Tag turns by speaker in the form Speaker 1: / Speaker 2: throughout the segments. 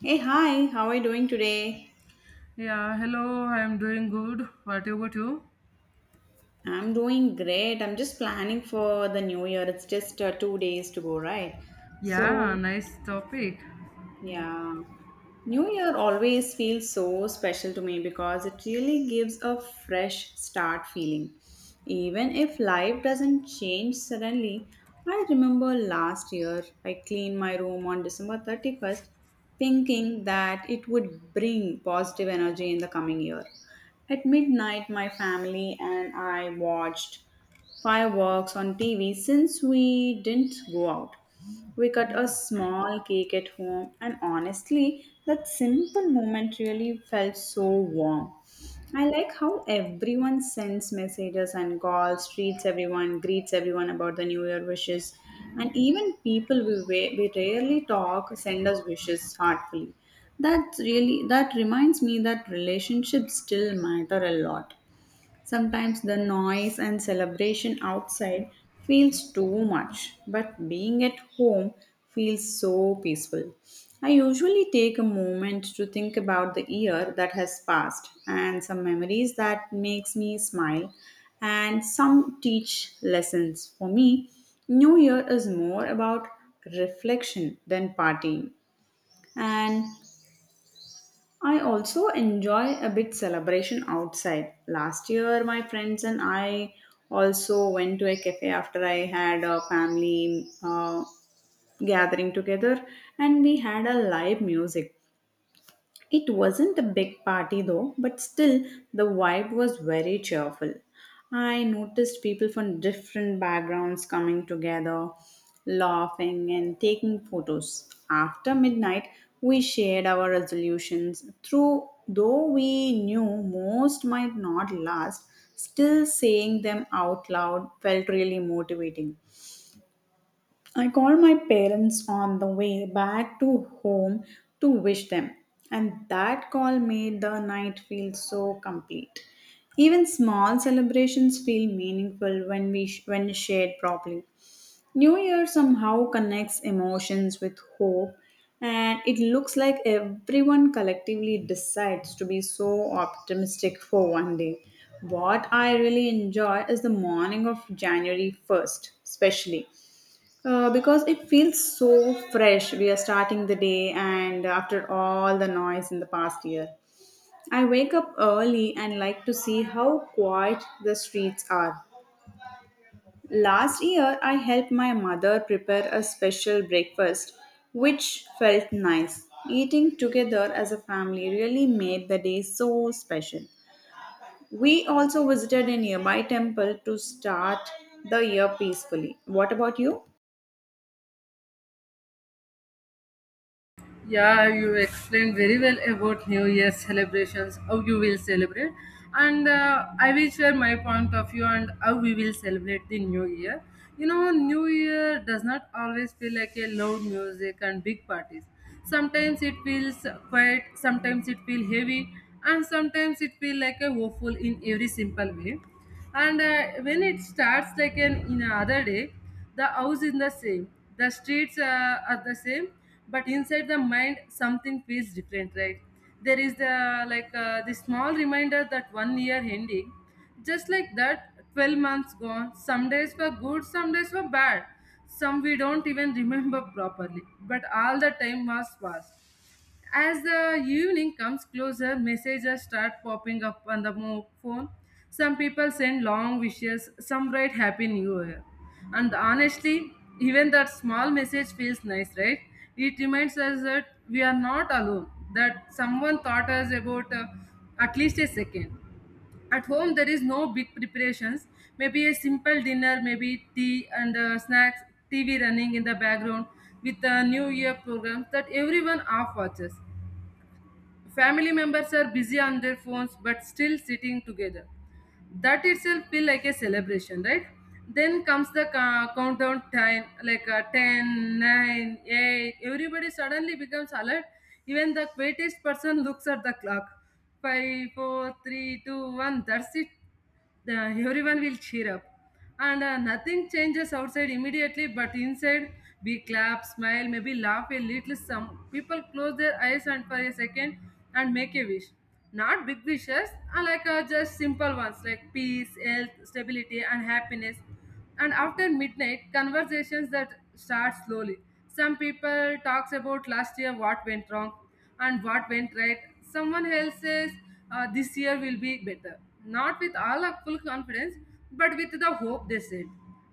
Speaker 1: Hey, hi, how are you doing today?
Speaker 2: Yeah, hello, I'm doing good. What about you?
Speaker 1: I'm doing great. I'm just planning for the new year. It's just 2 days to go, right?
Speaker 2: Yeah,
Speaker 1: So,
Speaker 2: nice topic.
Speaker 1: Yeah. New Year always feels so special to me because it really gives a fresh start feeling. Even if life doesn't change suddenly, I remember last year I cleaned my room on December 31st thinking that it would bring positive energy in the coming year. At midnight, my family and I watched fireworks on TV since we didn't go out. We cut a small cake at home, and honestly, that simple moment really felt so warm. I like how everyone sends messages and calls, treats everyone, greets everyone about the New Year wishes, and even people we rarely talk send us wishes heartfully. That reminds me that relationships still matter a lot. Sometimes the noise and celebration outside feels too much, but being at home feels so peaceful. I usually take a moment to think about the year that has passed and some memories that makes me smile and some teach lessons. For me, New Year is more about reflection than partying. And I also enjoy a bit celebration outside. Last year, my friends and I also went to a cafe after I had a family gathering together, and we had a live music. It wasn't a big party though, but still the vibe was very cheerful. I noticed people from different backgrounds coming together, laughing and taking photos. After midnight, we shared our resolutions. Through though we knew most might not last, still saying them out loud felt really motivating. I called my parents on the way back to home to wish them, and that call made the night feel so complete. Even small celebrations feel meaningful when shared properly. New Year somehow connects emotions with hope, and it looks like everyone collectively decides to be so optimistic for one day. What I really enjoy is the morning of January 1st, especially. Because it feels so fresh. We are starting the day, and after all the noise in the past year, I wake up early and like to see how quiet the streets are. Last year, I helped my mother prepare a special breakfast, which felt nice. Eating together as a family really made the day so special. We also visited a nearby temple to start the year peacefully. What about you?
Speaker 2: Yeah, you explained very well about New Year's celebrations, how you will celebrate, and I will share my point of view and how we will celebrate the New Year. You know, New Year does not always feel like a loud music and big parties. Sometimes it feels quiet, sometimes it feels heavy, and sometimes it feels like a woeful in every simple way and when it starts like an in another day, the house is the same, the streets are the same, but inside the mind something feels different, right? There is the small reminder that one year ending, just like that. 12 months gone, some days were good, some days were bad, some we don't even remember properly, but all the time was past. As the evening comes closer, messages start popping up on the phone. Some people send long wishes, some write Happy New Year. And honestly, even that small message feels nice, right? It reminds us that we are not alone, that someone thought us about at least a second. At home, there is no big preparations, maybe a simple dinner, maybe tea and snacks, TV running in the background with a New Year program that everyone half watches. Family members are busy on their phones but still sitting together. That itself feel like a celebration, right? Then comes the countdown time, like 10, nine, 8. Everybody suddenly becomes alert. Even the quietest person looks at the clock. Five, four, three, two, one. 4, 3, that's it. The everyone will cheer up, and nothing changes outside immediately, but inside we clap, smile, maybe laugh a little. Some people close their eyes and for a second and make a wish, not big wishes, just simple ones like peace, health, stability and happiness. And after midnight, conversations that start slowly, some people talks about last year, what went wrong and what went right. Someone else says, this year will be better, not with all of full confidence, but with the hope, they said.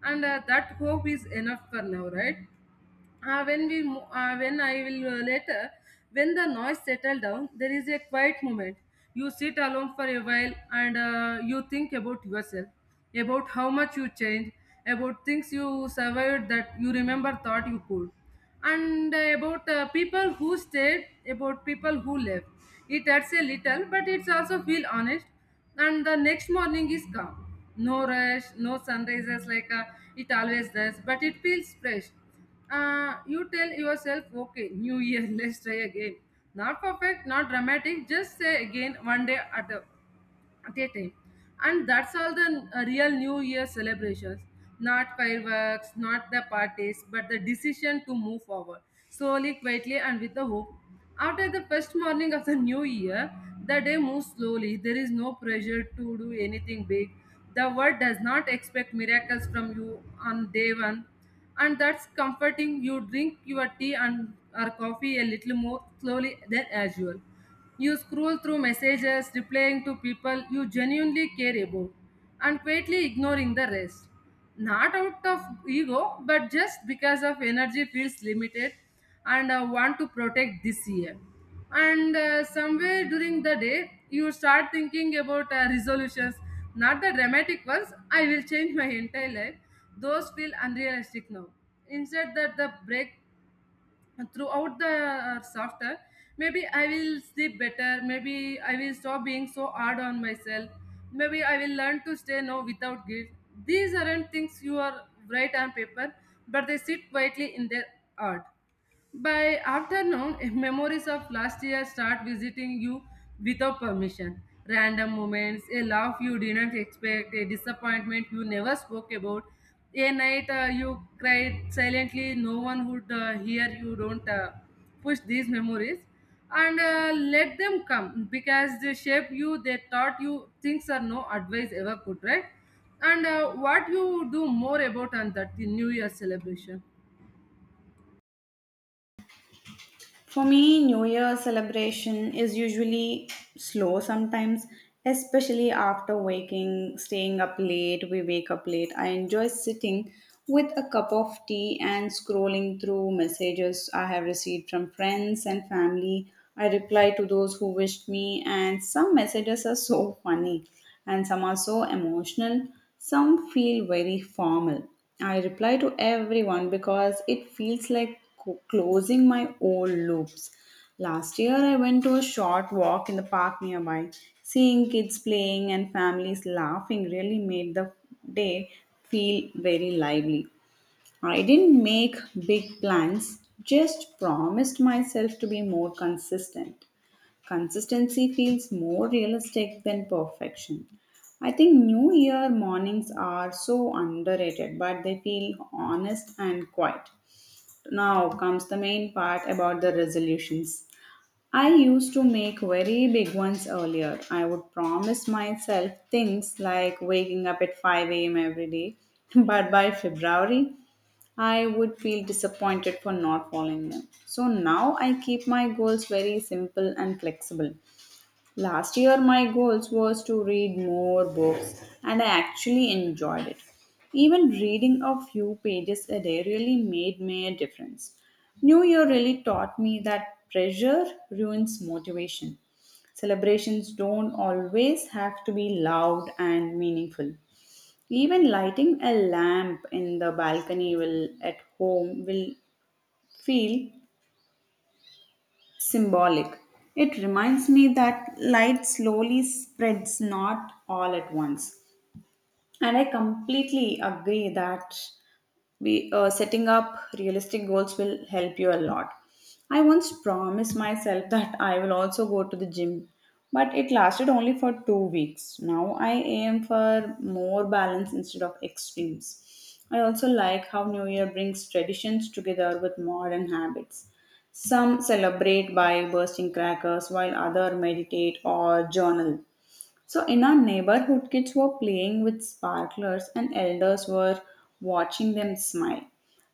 Speaker 2: And that hope is enough for now, right? Uh, when we mo- when I will later when the noise settle down, there is a quiet moment. You sit alone for a while, and you think about yourself, about how much you changed, about things you survived that you remember thought you could, and about people who stayed, about people who left. It hurts a little, but it's also feel honest. And the next morning is calm, no rush, no sunrises like it always does, but it feels fresh. You tell yourself, okay, new year, let's try again. Not perfect, not dramatic, just say again one day at a day time. And that's all the real new year celebrations, not fireworks, not the parties, but the decision to move forward slowly, quietly and with the hope. After the first morning of the new year, the day moves slowly. There is no pressure to do anything big. The world does not expect miracles from you on day one, and that's comforting. You drink your tea and or coffee a little more slowly than usual. You scroll through messages, replying to people you genuinely care about, and quietly ignoring the rest. Not out of ego, but just because of energy feels limited and want to protect this year. And somewhere during the day, you start thinking about resolutions, not the dramatic ones. I will change my entire life. Those feel unrealistic now. Instead, that the break and throughout the software, maybe I will sleep better, maybe I will stop being so hard on myself, maybe I will learn to say no without guilt. These aren't things you are write on paper, but they sit quietly in their heart. By afternoon, memories of last year start visiting you without permission. Random moments, a laugh you didn't expect, a disappointment you never spoke about, a night you cried silently, no one would hear you. Don't push these memories, and let them come because they shape you, they taught you things are no advice ever could, right? And what you do more about on that the New Year celebration?
Speaker 1: For me, New Year celebration is usually slow sometimes, especially after waking, staying up late. We wake up late. I enjoy sitting with a cup of tea and scrolling through messages I have received from friends and family. I reply to those who wished me, and some messages are so funny, and some are so emotional. Some feel very formal. I reply to everyone because it feels like closing my old loops. Last year, I went to a short walk in the park nearby. Seeing kids playing and families laughing really made the day feel very lively. I didn't make big plans, just promised myself to be more consistent. Consistency feels more realistic than perfection. I think New Year mornings are so underrated, but they feel honest and quiet. Now comes the main part about the resolutions. I used to make very big ones earlier. I would promise myself things like waking up at 5 a.m. every day, but by February, I would feel disappointed for not following them. So now I keep my goals very simple and flexible. Last year, my goals was to read more books, and I actually enjoyed it. Even reading a few pages a day really made me a difference. New Year really taught me that pressure ruins motivation. Celebrations don't always have to be loud and meaningful. Even lighting a lamp in the balcony will at home will feel symbolic. It reminds me that light slowly spreads, not all at once. And I completely agree that we setting up realistic goals will help you a lot. I once promised myself that I will also go to the gym, but it lasted only for 2 weeks. Now I aim for more balance instead of extremes. I also like how new year brings traditions together with modern habits. Some celebrate by bursting crackers while others meditate or journal. So in our neighborhood, kids were playing with sparklers and elders were watching them smile.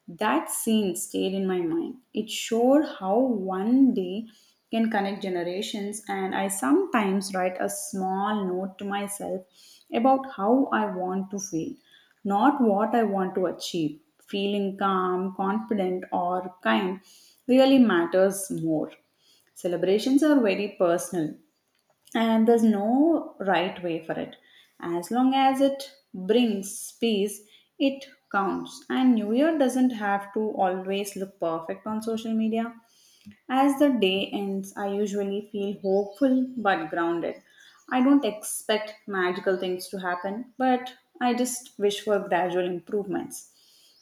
Speaker 1: That scene stayed in my mind. It showed how one day can connect generations, and I sometimes write a small note to myself about how I want to feel, not what I want to achieve. Feeling calm, confident, or kind really matters more. Celebrations are very personal, and there's no right way for it. As long as it brings peace, it counts. And new year doesn't have to always look perfect on social media. As the day ends, I usually feel hopeful but grounded. I don't expect magical things to happen, but I just wish for gradual improvements.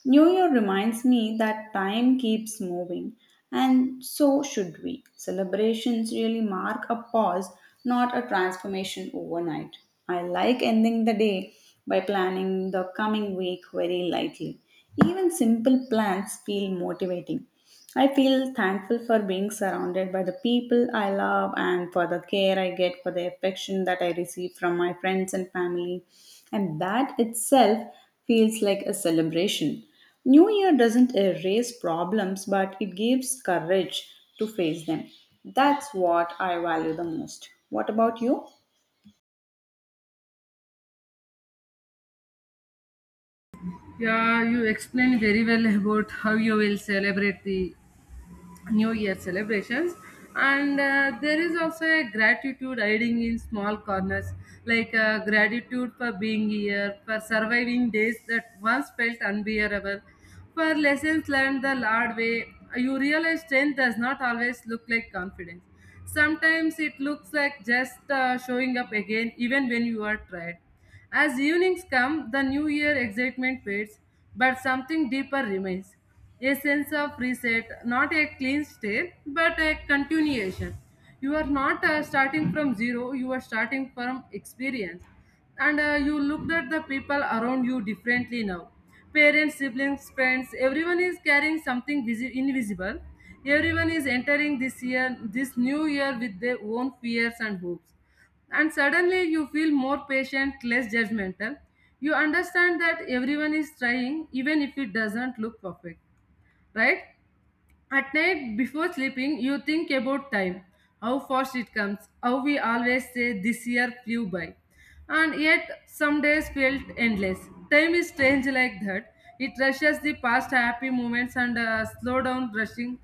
Speaker 1: New Year reminds me that time keeps moving, and so should we. Celebrations really mark a pause, not a transformation overnight. I like ending the day by planning the coming week very lightly. Even simple plans feel motivating. I feel thankful for being surrounded by the people I love and for the care I get, for the affection that I receive from my friends and family. And that itself feels like a celebration. New Year doesn't erase problems, but it gives courage to face them. That's what I value the most. What about you?
Speaker 2: Yeah, you explained very well about how you will celebrate the New Year celebrations. And there is also a gratitude hiding in small corners, like gratitude for being here, for surviving days that once felt unbearable, for lessons learned the hard way. You realize strength does not always look like confidence. Sometimes it looks like just showing up again, even when you are tired. As evenings come, the new year excitement fades, but something deeper remains. A sense of reset, not a clean slate, but a continuation. You are not starting from zero, you are starting from experience. And you looked at the people around you differently now. Parents, siblings, friends, everyone is carrying something invisible. Everyone is entering this year, this new year with their own fears and hopes, and suddenly you feel more patient, less judgmental. You understand that everyone is trying, even if it doesn't look perfect, right? At night before sleeping, you think about time, how fast it comes, how we always say this year flew by. And yet, some days felt endless. Time is strange like that. It rushes the past happy moments and slow down rushing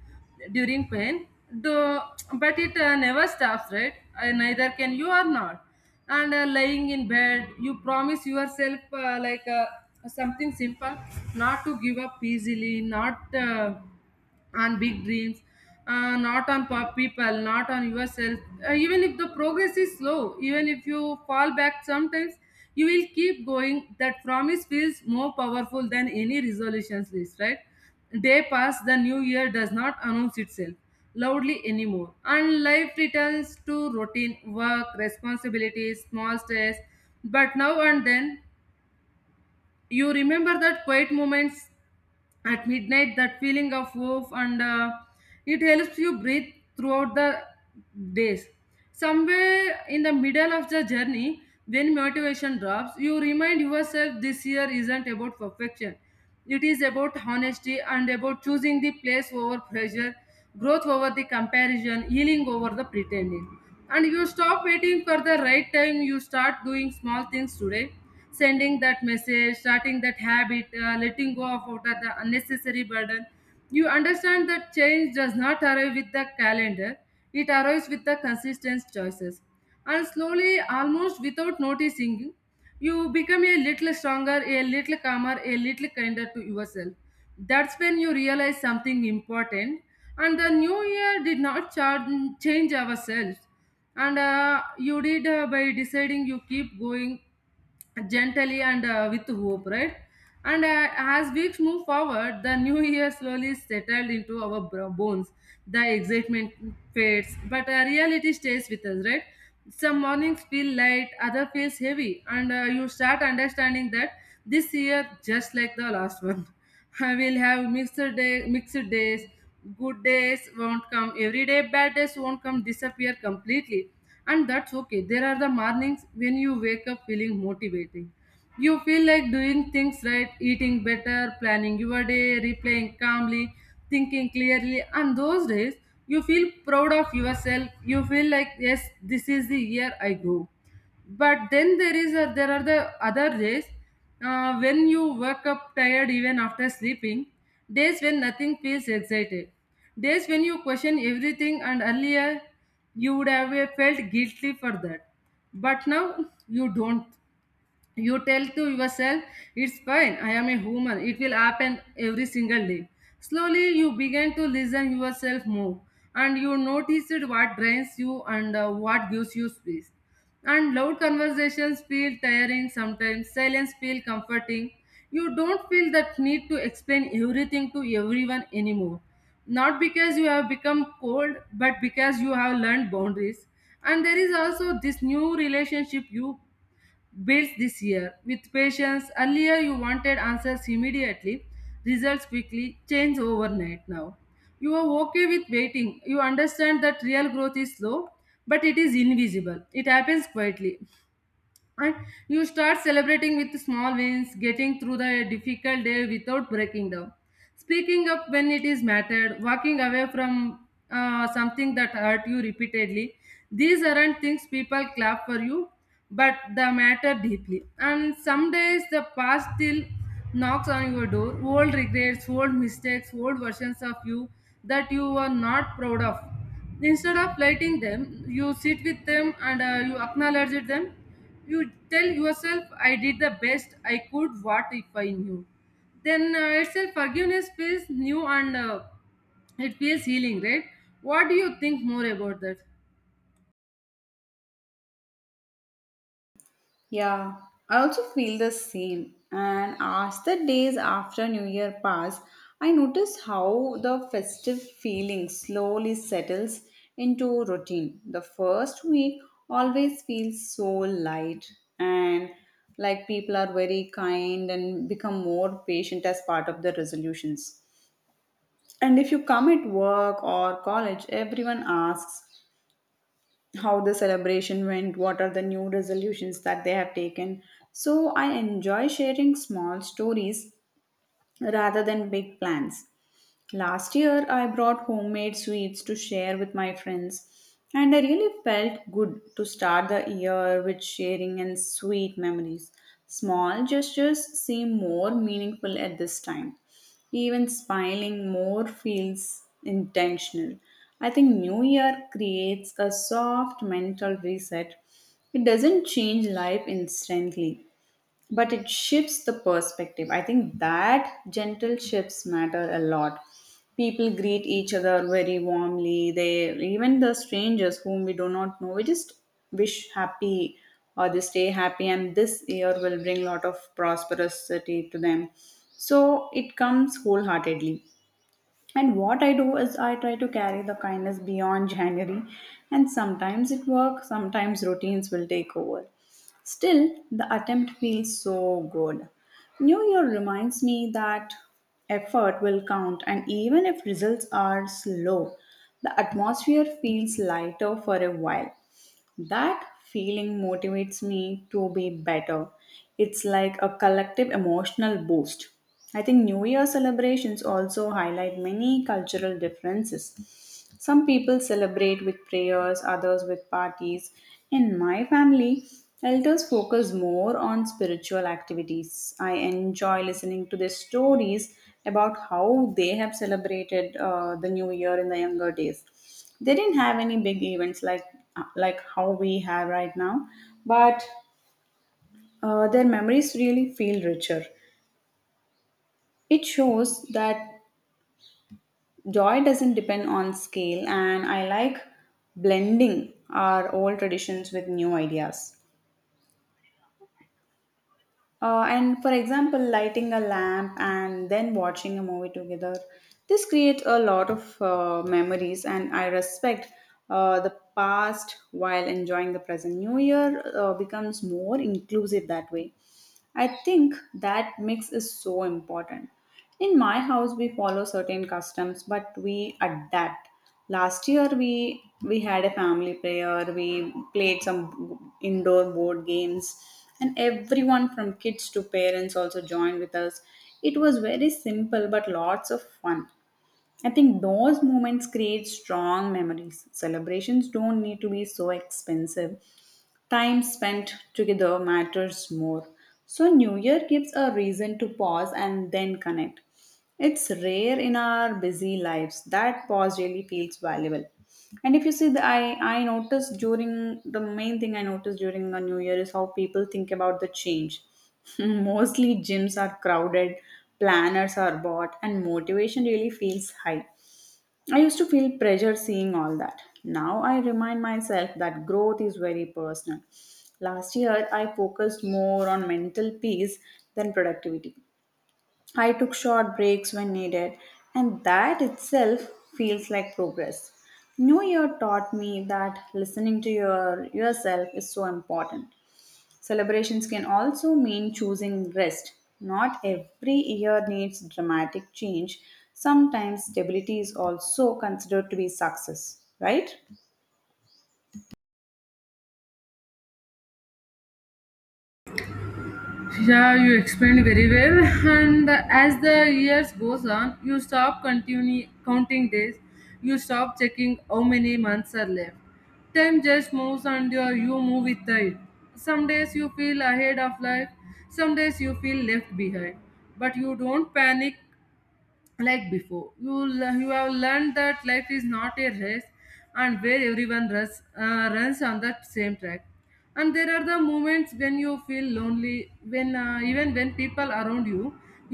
Speaker 2: during pain. Though, but it never stops, right? Neither can you or not. And lying in bed, you promise yourself something simple, not to give up easily, not. On big dreams, not on people, not on yourself. Even if the progress is slow, even if you fall back sometimes, you will keep going. That promise feels more powerful than any resolutions list, right? Day pass, the new year does not announce itself loudly anymore. And life returns to routine, work, responsibilities, small stress. But now and then, you remember that quiet moments at midnight, that feeling of hope, and it helps you breathe throughout the days. Somewhere in the middle of the journey when motivation drops, you remind yourself this year isn't about perfection, it is about honesty and about choosing the place over pressure, growth over the comparison, healing over the pretending. And you stop waiting for the right time, you start doing small things today, sending that message, starting that habit, letting go of out of the unnecessary burden. You understand that change does not arrive with the calendar, it arrives with the consistent choices. And slowly, almost without noticing, you become a little stronger, a little calmer, a little kinder to yourself. That's when you realize something important. And the new year did not change ourselves. And you did by deciding you keep going gently and with hope, right? And as weeks move forward, the new year slowly settled into our bones. The excitement fades, but reality stays with us, right? Some mornings feel light, other feels heavy, and you start understanding that this year, just like the last one, I will have mixed days, good days won't come every day, bad days won't come disappear completely. And that's okay. There are the mornings when you wake up feeling motivating, you feel like doing things right, eating better, planning your day, replaying calmly, thinking clearly. And those days you feel proud of yourself, you feel like yes, this is the year I grow. But then there is there are the other days when you wake up tired even after sleeping, days when nothing feels excited, days when you question everything. And earlier you would have felt guilty for that, but now you don't. You tell to yourself, it's fine, I am a human, it will happen every single day. Slowly you begin to listen yourself more, and you noticed what drains you and what gives you space. And loud conversations feel tiring, sometimes silence feel comforting. You don't feel that need to explain everything to everyone anymore, not because you have become cold, but because you have learned boundaries. And there is also this new relationship you builds this year. With patience, earlier you wanted answers immediately, results quickly, change overnight now. You are okay with waiting. You understand that real growth is slow, but it is invisible. It happens quietly, and you start celebrating with small wins, getting through the difficult day without breaking down, speaking up when it is mattered, walking away from something that hurt you repeatedly. These aren't things people clap for you, but they matter deeply. And some days the past still knocks on your door, old regrets, old mistakes, old versions of you that you are not proud of. Instead of lighting them, you sit with them, and you acknowledge them. You tell yourself, I did the best I could. What if I knew then? It's a forgiveness feels new, and it feels healing, right? What do you think more about that?
Speaker 1: Yeah, I also feel the same. And as the days after New Year pass, I notice how the festive feeling slowly settles into routine. The first week always feels so light and like people are very kind and become more patient as part of the resolutions. And if you come at work or college, everyone asks, how the celebration went, what are the new resolutions that they have taken. So I enjoy sharing small stories rather than big plans. Last year, I brought homemade sweets to share with my friends, and I really felt good to start the year with sharing and sweet memories. Small gestures seem more meaningful at this time. Even smiling more feels intentional. I think New Year creates a soft mental reset. It doesn't change life instantly, but it shifts the perspective. I think that gentle shifts matter a lot. People greet each other very warmly. They even the strangers whom we do not know, we just wish happy, or they stay happy and this year will bring lot of prosperity to them, so it comes wholeheartedly. And what I do is I try to carry the kindness beyond January, and sometimes it works, sometimes routines will take over. Still, the attempt feels so good. New Year reminds me that effort will count, and even if results are slow, the atmosphere feels lighter for a while. That feeling motivates me to be better. It's like a collective emotional boost. I think New Year celebrations also highlight many cultural differences. Some people celebrate with prayers, others with parties. In my family, elders focus more on spiritual activities. I enjoy listening to their stories about how they have celebrated the New Year in the younger days. They didn't have any big events like how we have right now, but their memories really feel richer. It shows that joy doesn't depend on scale. And I like blending our old traditions with new ideas. And for example, lighting a lamp and then watching a movie together, this creates a lot of memories, and I respect the past while enjoying the present. New Year becomes more inclusive that way. I think that mix is so important. In my house, we follow certain customs, but we adapt. Last year, we had a family prayer. We played some indoor board games, and everyone from kids to parents also joined with us. It was very simple, but lots of fun. I think those moments create strong memories. Celebrations don't need to be so expensive. Time spent together matters more. So, New Year gives a reason to pause and then connect. It's rare in our busy lives. That pause really feels valuable. And if you see, the main thing I noticed during the New Year is how people think about the change. Mostly gyms are crowded, planners are bought, and motivation really feels high. I used to feel pressure seeing all that. Now I remind myself that growth is very personal. Last year, I focused more on mental peace than productivity. I took short breaks when needed, and that itself feels like progress. New Year taught me that listening to yourself is so important. Celebrations can also mean choosing rest. Not every year needs dramatic change. Sometimes stability is also considered to be success, right?
Speaker 2: Yeah, you explained very well. And as the years goes on, you stop continue counting days. You stop checking how many months are left. Time just moves, and you move with it. Some days you feel ahead of life, some days you feel left behind, but you don't panic like before. You have learned that life is not a race, and where everyone runs, runs on that same track. And there are the moments when you feel lonely, when even when people around you,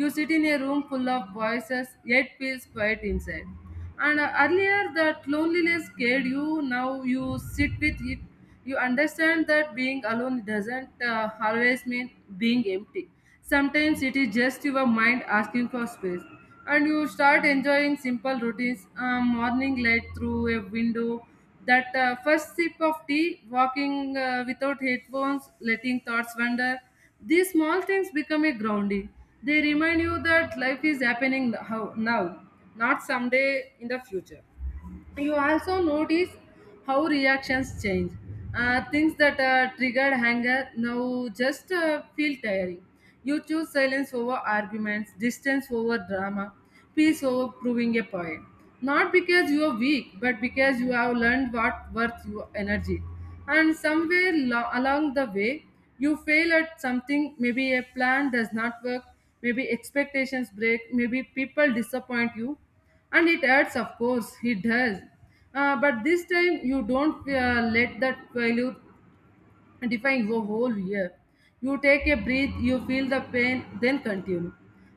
Speaker 2: you sit in a room full of voices yet feels quiet inside. And earlier that loneliness scared you. Now you sit with it. You understand that being alone doesn't always mean being empty. Sometimes it is just your mind asking for space, and you start enjoying simple routines, morning light through a window, that first sip of tea, walking without headphones, letting thoughts wander. These small things become a grounding. They remind you that life is happening now, not someday in the future. You also notice how reactions change. Things that triggered anger now just feel tiring. You choose silence over arguments, distance over drama, peace over proving a point. Not because you are weak, but because you have learned what worth your energy. And somewhere along the way, you fail at something. Maybe a plan does not work. Maybe expectations break. Maybe people disappoint you, and it hurts. Of course it does. But this time you don't let that failure define your whole year. You take a breath, you feel the pain, then continue.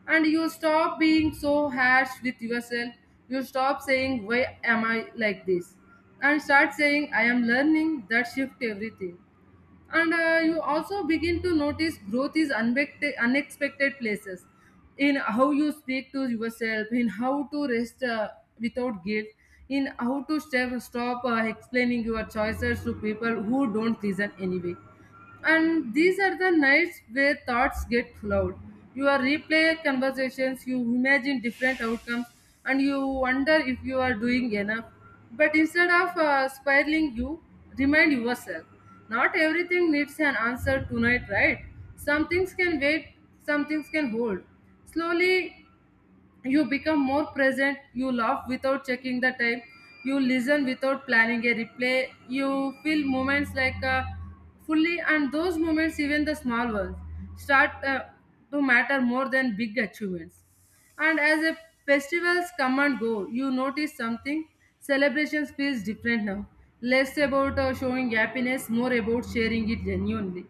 Speaker 2: And you stop being so harsh with yourself. You stop saying, why am I like this, and start saying, I am learning. That shift everything. And you also begin to notice growth is unexpected places, in how you speak to yourself, in how to rest without guilt, in how to stop explaining your choices to people who don't listen anyway. And these are the nights where thoughts get loud. You are replay conversations, you imagine different outcomes, and you wonder if you are doing enough. But instead of spiraling, you remind yourself, not everything needs an answer tonight, right? Some things can wait, some things can hold. Slowly, you become more present. You laugh without checking the time, you listen without planning a replay, you feel moments like fully, and those moments, even the small ones, start to matter more than big achievements. And as a festivals come and go, you notice something. Celebrations feels different now, less about showing happiness, more about sharing it genuinely.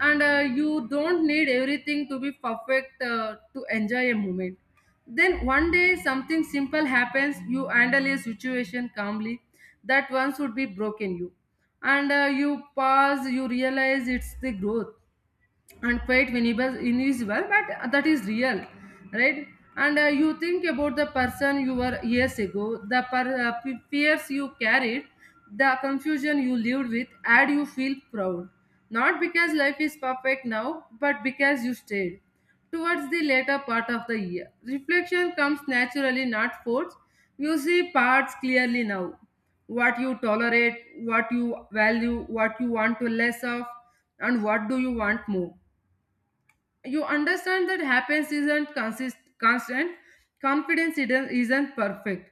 Speaker 2: And you don't need everything to be perfect to enjoy a moment. Then one day something simple happens, you handle a situation calmly that once would be broken you. And you pause, you realize it's the growth, and quite invisible but that is real, right? And you think about the person you were years ago, the fears you carried, the confusion you lived with, and you feel proud. Not because life is perfect now, but because you stayed. Towards the later part of the year, reflection comes naturally, not forced. You see parts clearly now, what you tolerate, what you value, what you want to less of, and what do you want more. You understand that happiness isn't consist- constant, confidence isn't perfect.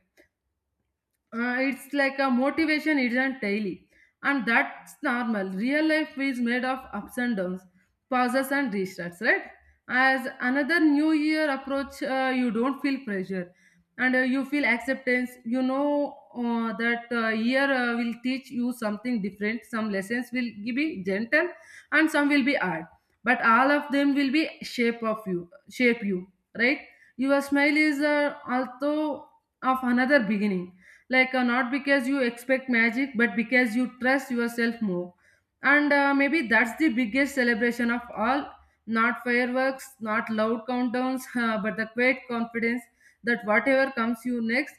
Speaker 2: It's like a motivation isn't daily, and that's normal. Real life is made of ups and downs, pauses and restarts, right? As another new year approach, you don't feel pressure, and you feel acceptance, you know, that year will teach you something different. Some lessons will be gentle and some will be hard, but all of them will be shape you, right? Your smile is also of another beginning, like not because you expect magic, but because you trust yourself more. And maybe that's the biggest celebration of all. Not fireworks, not loud countdowns, but the quiet confidence that whatever comes you next,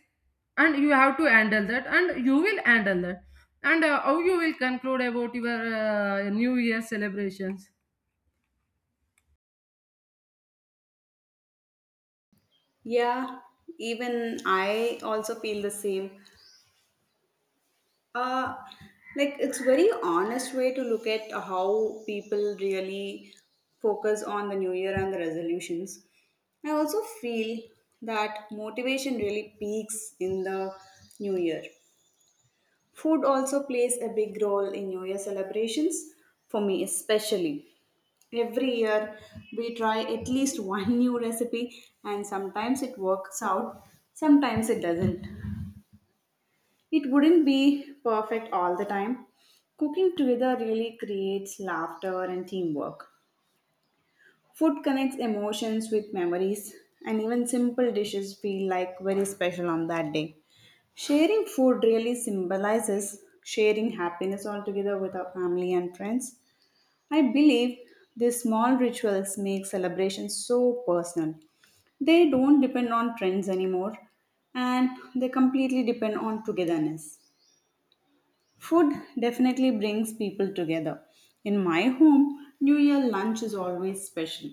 Speaker 2: and you have to handle that, and you will handle that. And how you will conclude about your new year celebrations?
Speaker 1: Yeah, even I also feel the same. uh like it's very honest way to look at how people really focus on the new year and the resolutions. I also feel that motivation really peaks in the new year. Food also plays a big role in new year celebrations for me, especially every year we try at least one new recipe, and sometimes it works out, sometimes it doesn't. It wouldn't be perfect all the time. Cooking together really creates laughter and teamwork. Food connects emotions with memories, and even simple dishes feel like very special on that day. Sharing food really symbolizes sharing happiness altogether with our family and friends. I believe these small rituals make celebrations so personal, they don't depend on trends anymore, and they completely depend on togetherness. Food definitely brings people together. In my home, New Year lunch is always special.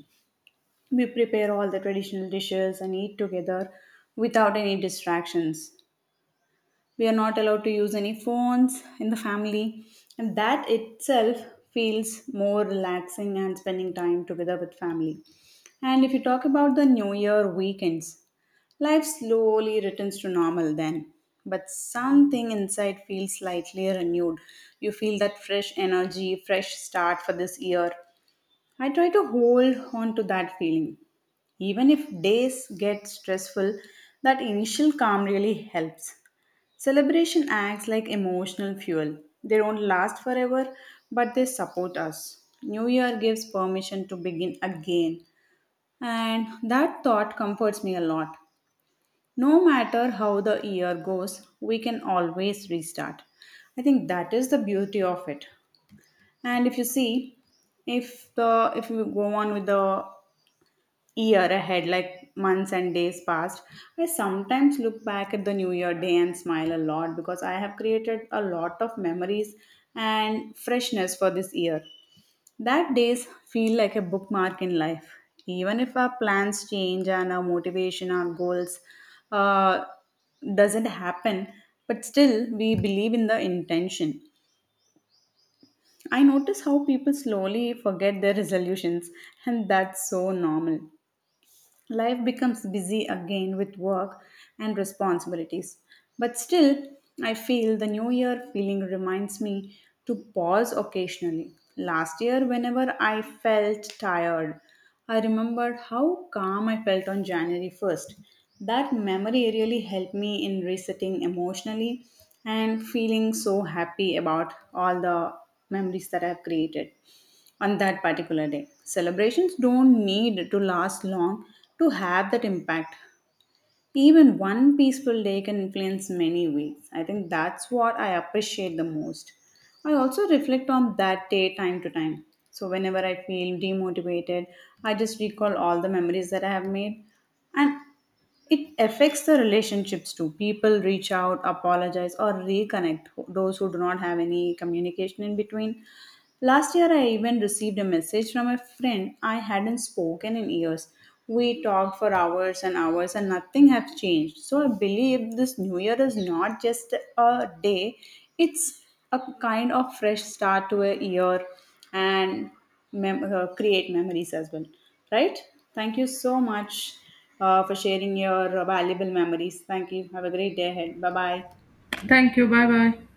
Speaker 1: We prepare all the traditional dishes and eat together without any distractions. We are not allowed to use any phones in the family, and that itself feels more relaxing and spending time together with family. And if you talk about the new year weekends, life slowly returns to normal then, but something inside feels slightly renewed. You feel that fresh energy, fresh start for this year. I try to hold on to that feeling. Even if days get stressful, that initial calm really helps. Celebration acts like emotional fuel. They don't last forever, but they support us. New Year gives permission to begin again, and that thought comforts me a lot. No matter how the year goes, we can always restart. I think that is the beauty of it. And if you see, if you go on with the year ahead, like months and days passed, I sometimes look back at the New Year day and smile a lot because I have created a lot of memories and freshness for this year. That days feel like a bookmark in life. Even if our plans change and our motivation, our goals uh, doesn't happen, but still we believe in the intention. I notice how people slowly forget their resolutions, and that's so normal. Life becomes busy again with work and responsibilities. But still, I feel the new year feeling reminds me to pause occasionally. Last year, whenever I felt tired, I remembered how calm I felt on January 1st. That memory really helped me in resetting emotionally and feeling so happy about all the memories that I've created on that particular day. Celebrations don't need to last long to have that impact. Even one peaceful day can influence many weeks. I think that's what I appreciate the most. I also reflect on that day time to time. So, whenever I feel demotivated, I just recall all the memories that I have made. And it affects the relationships too. People reach out, apologize, or reconnect those who do not have any communication in between. Last year, I even received a message from a friend I hadn't spoken in years. We talked for hours and hours, and nothing has changed. So I believe this new year is not just a day, it's a kind of fresh start to a year and create memories as well. Right? Thank you so much for sharing your valuable memories. Thank you. Have a great day ahead. Bye bye.
Speaker 2: Thank you, bye bye.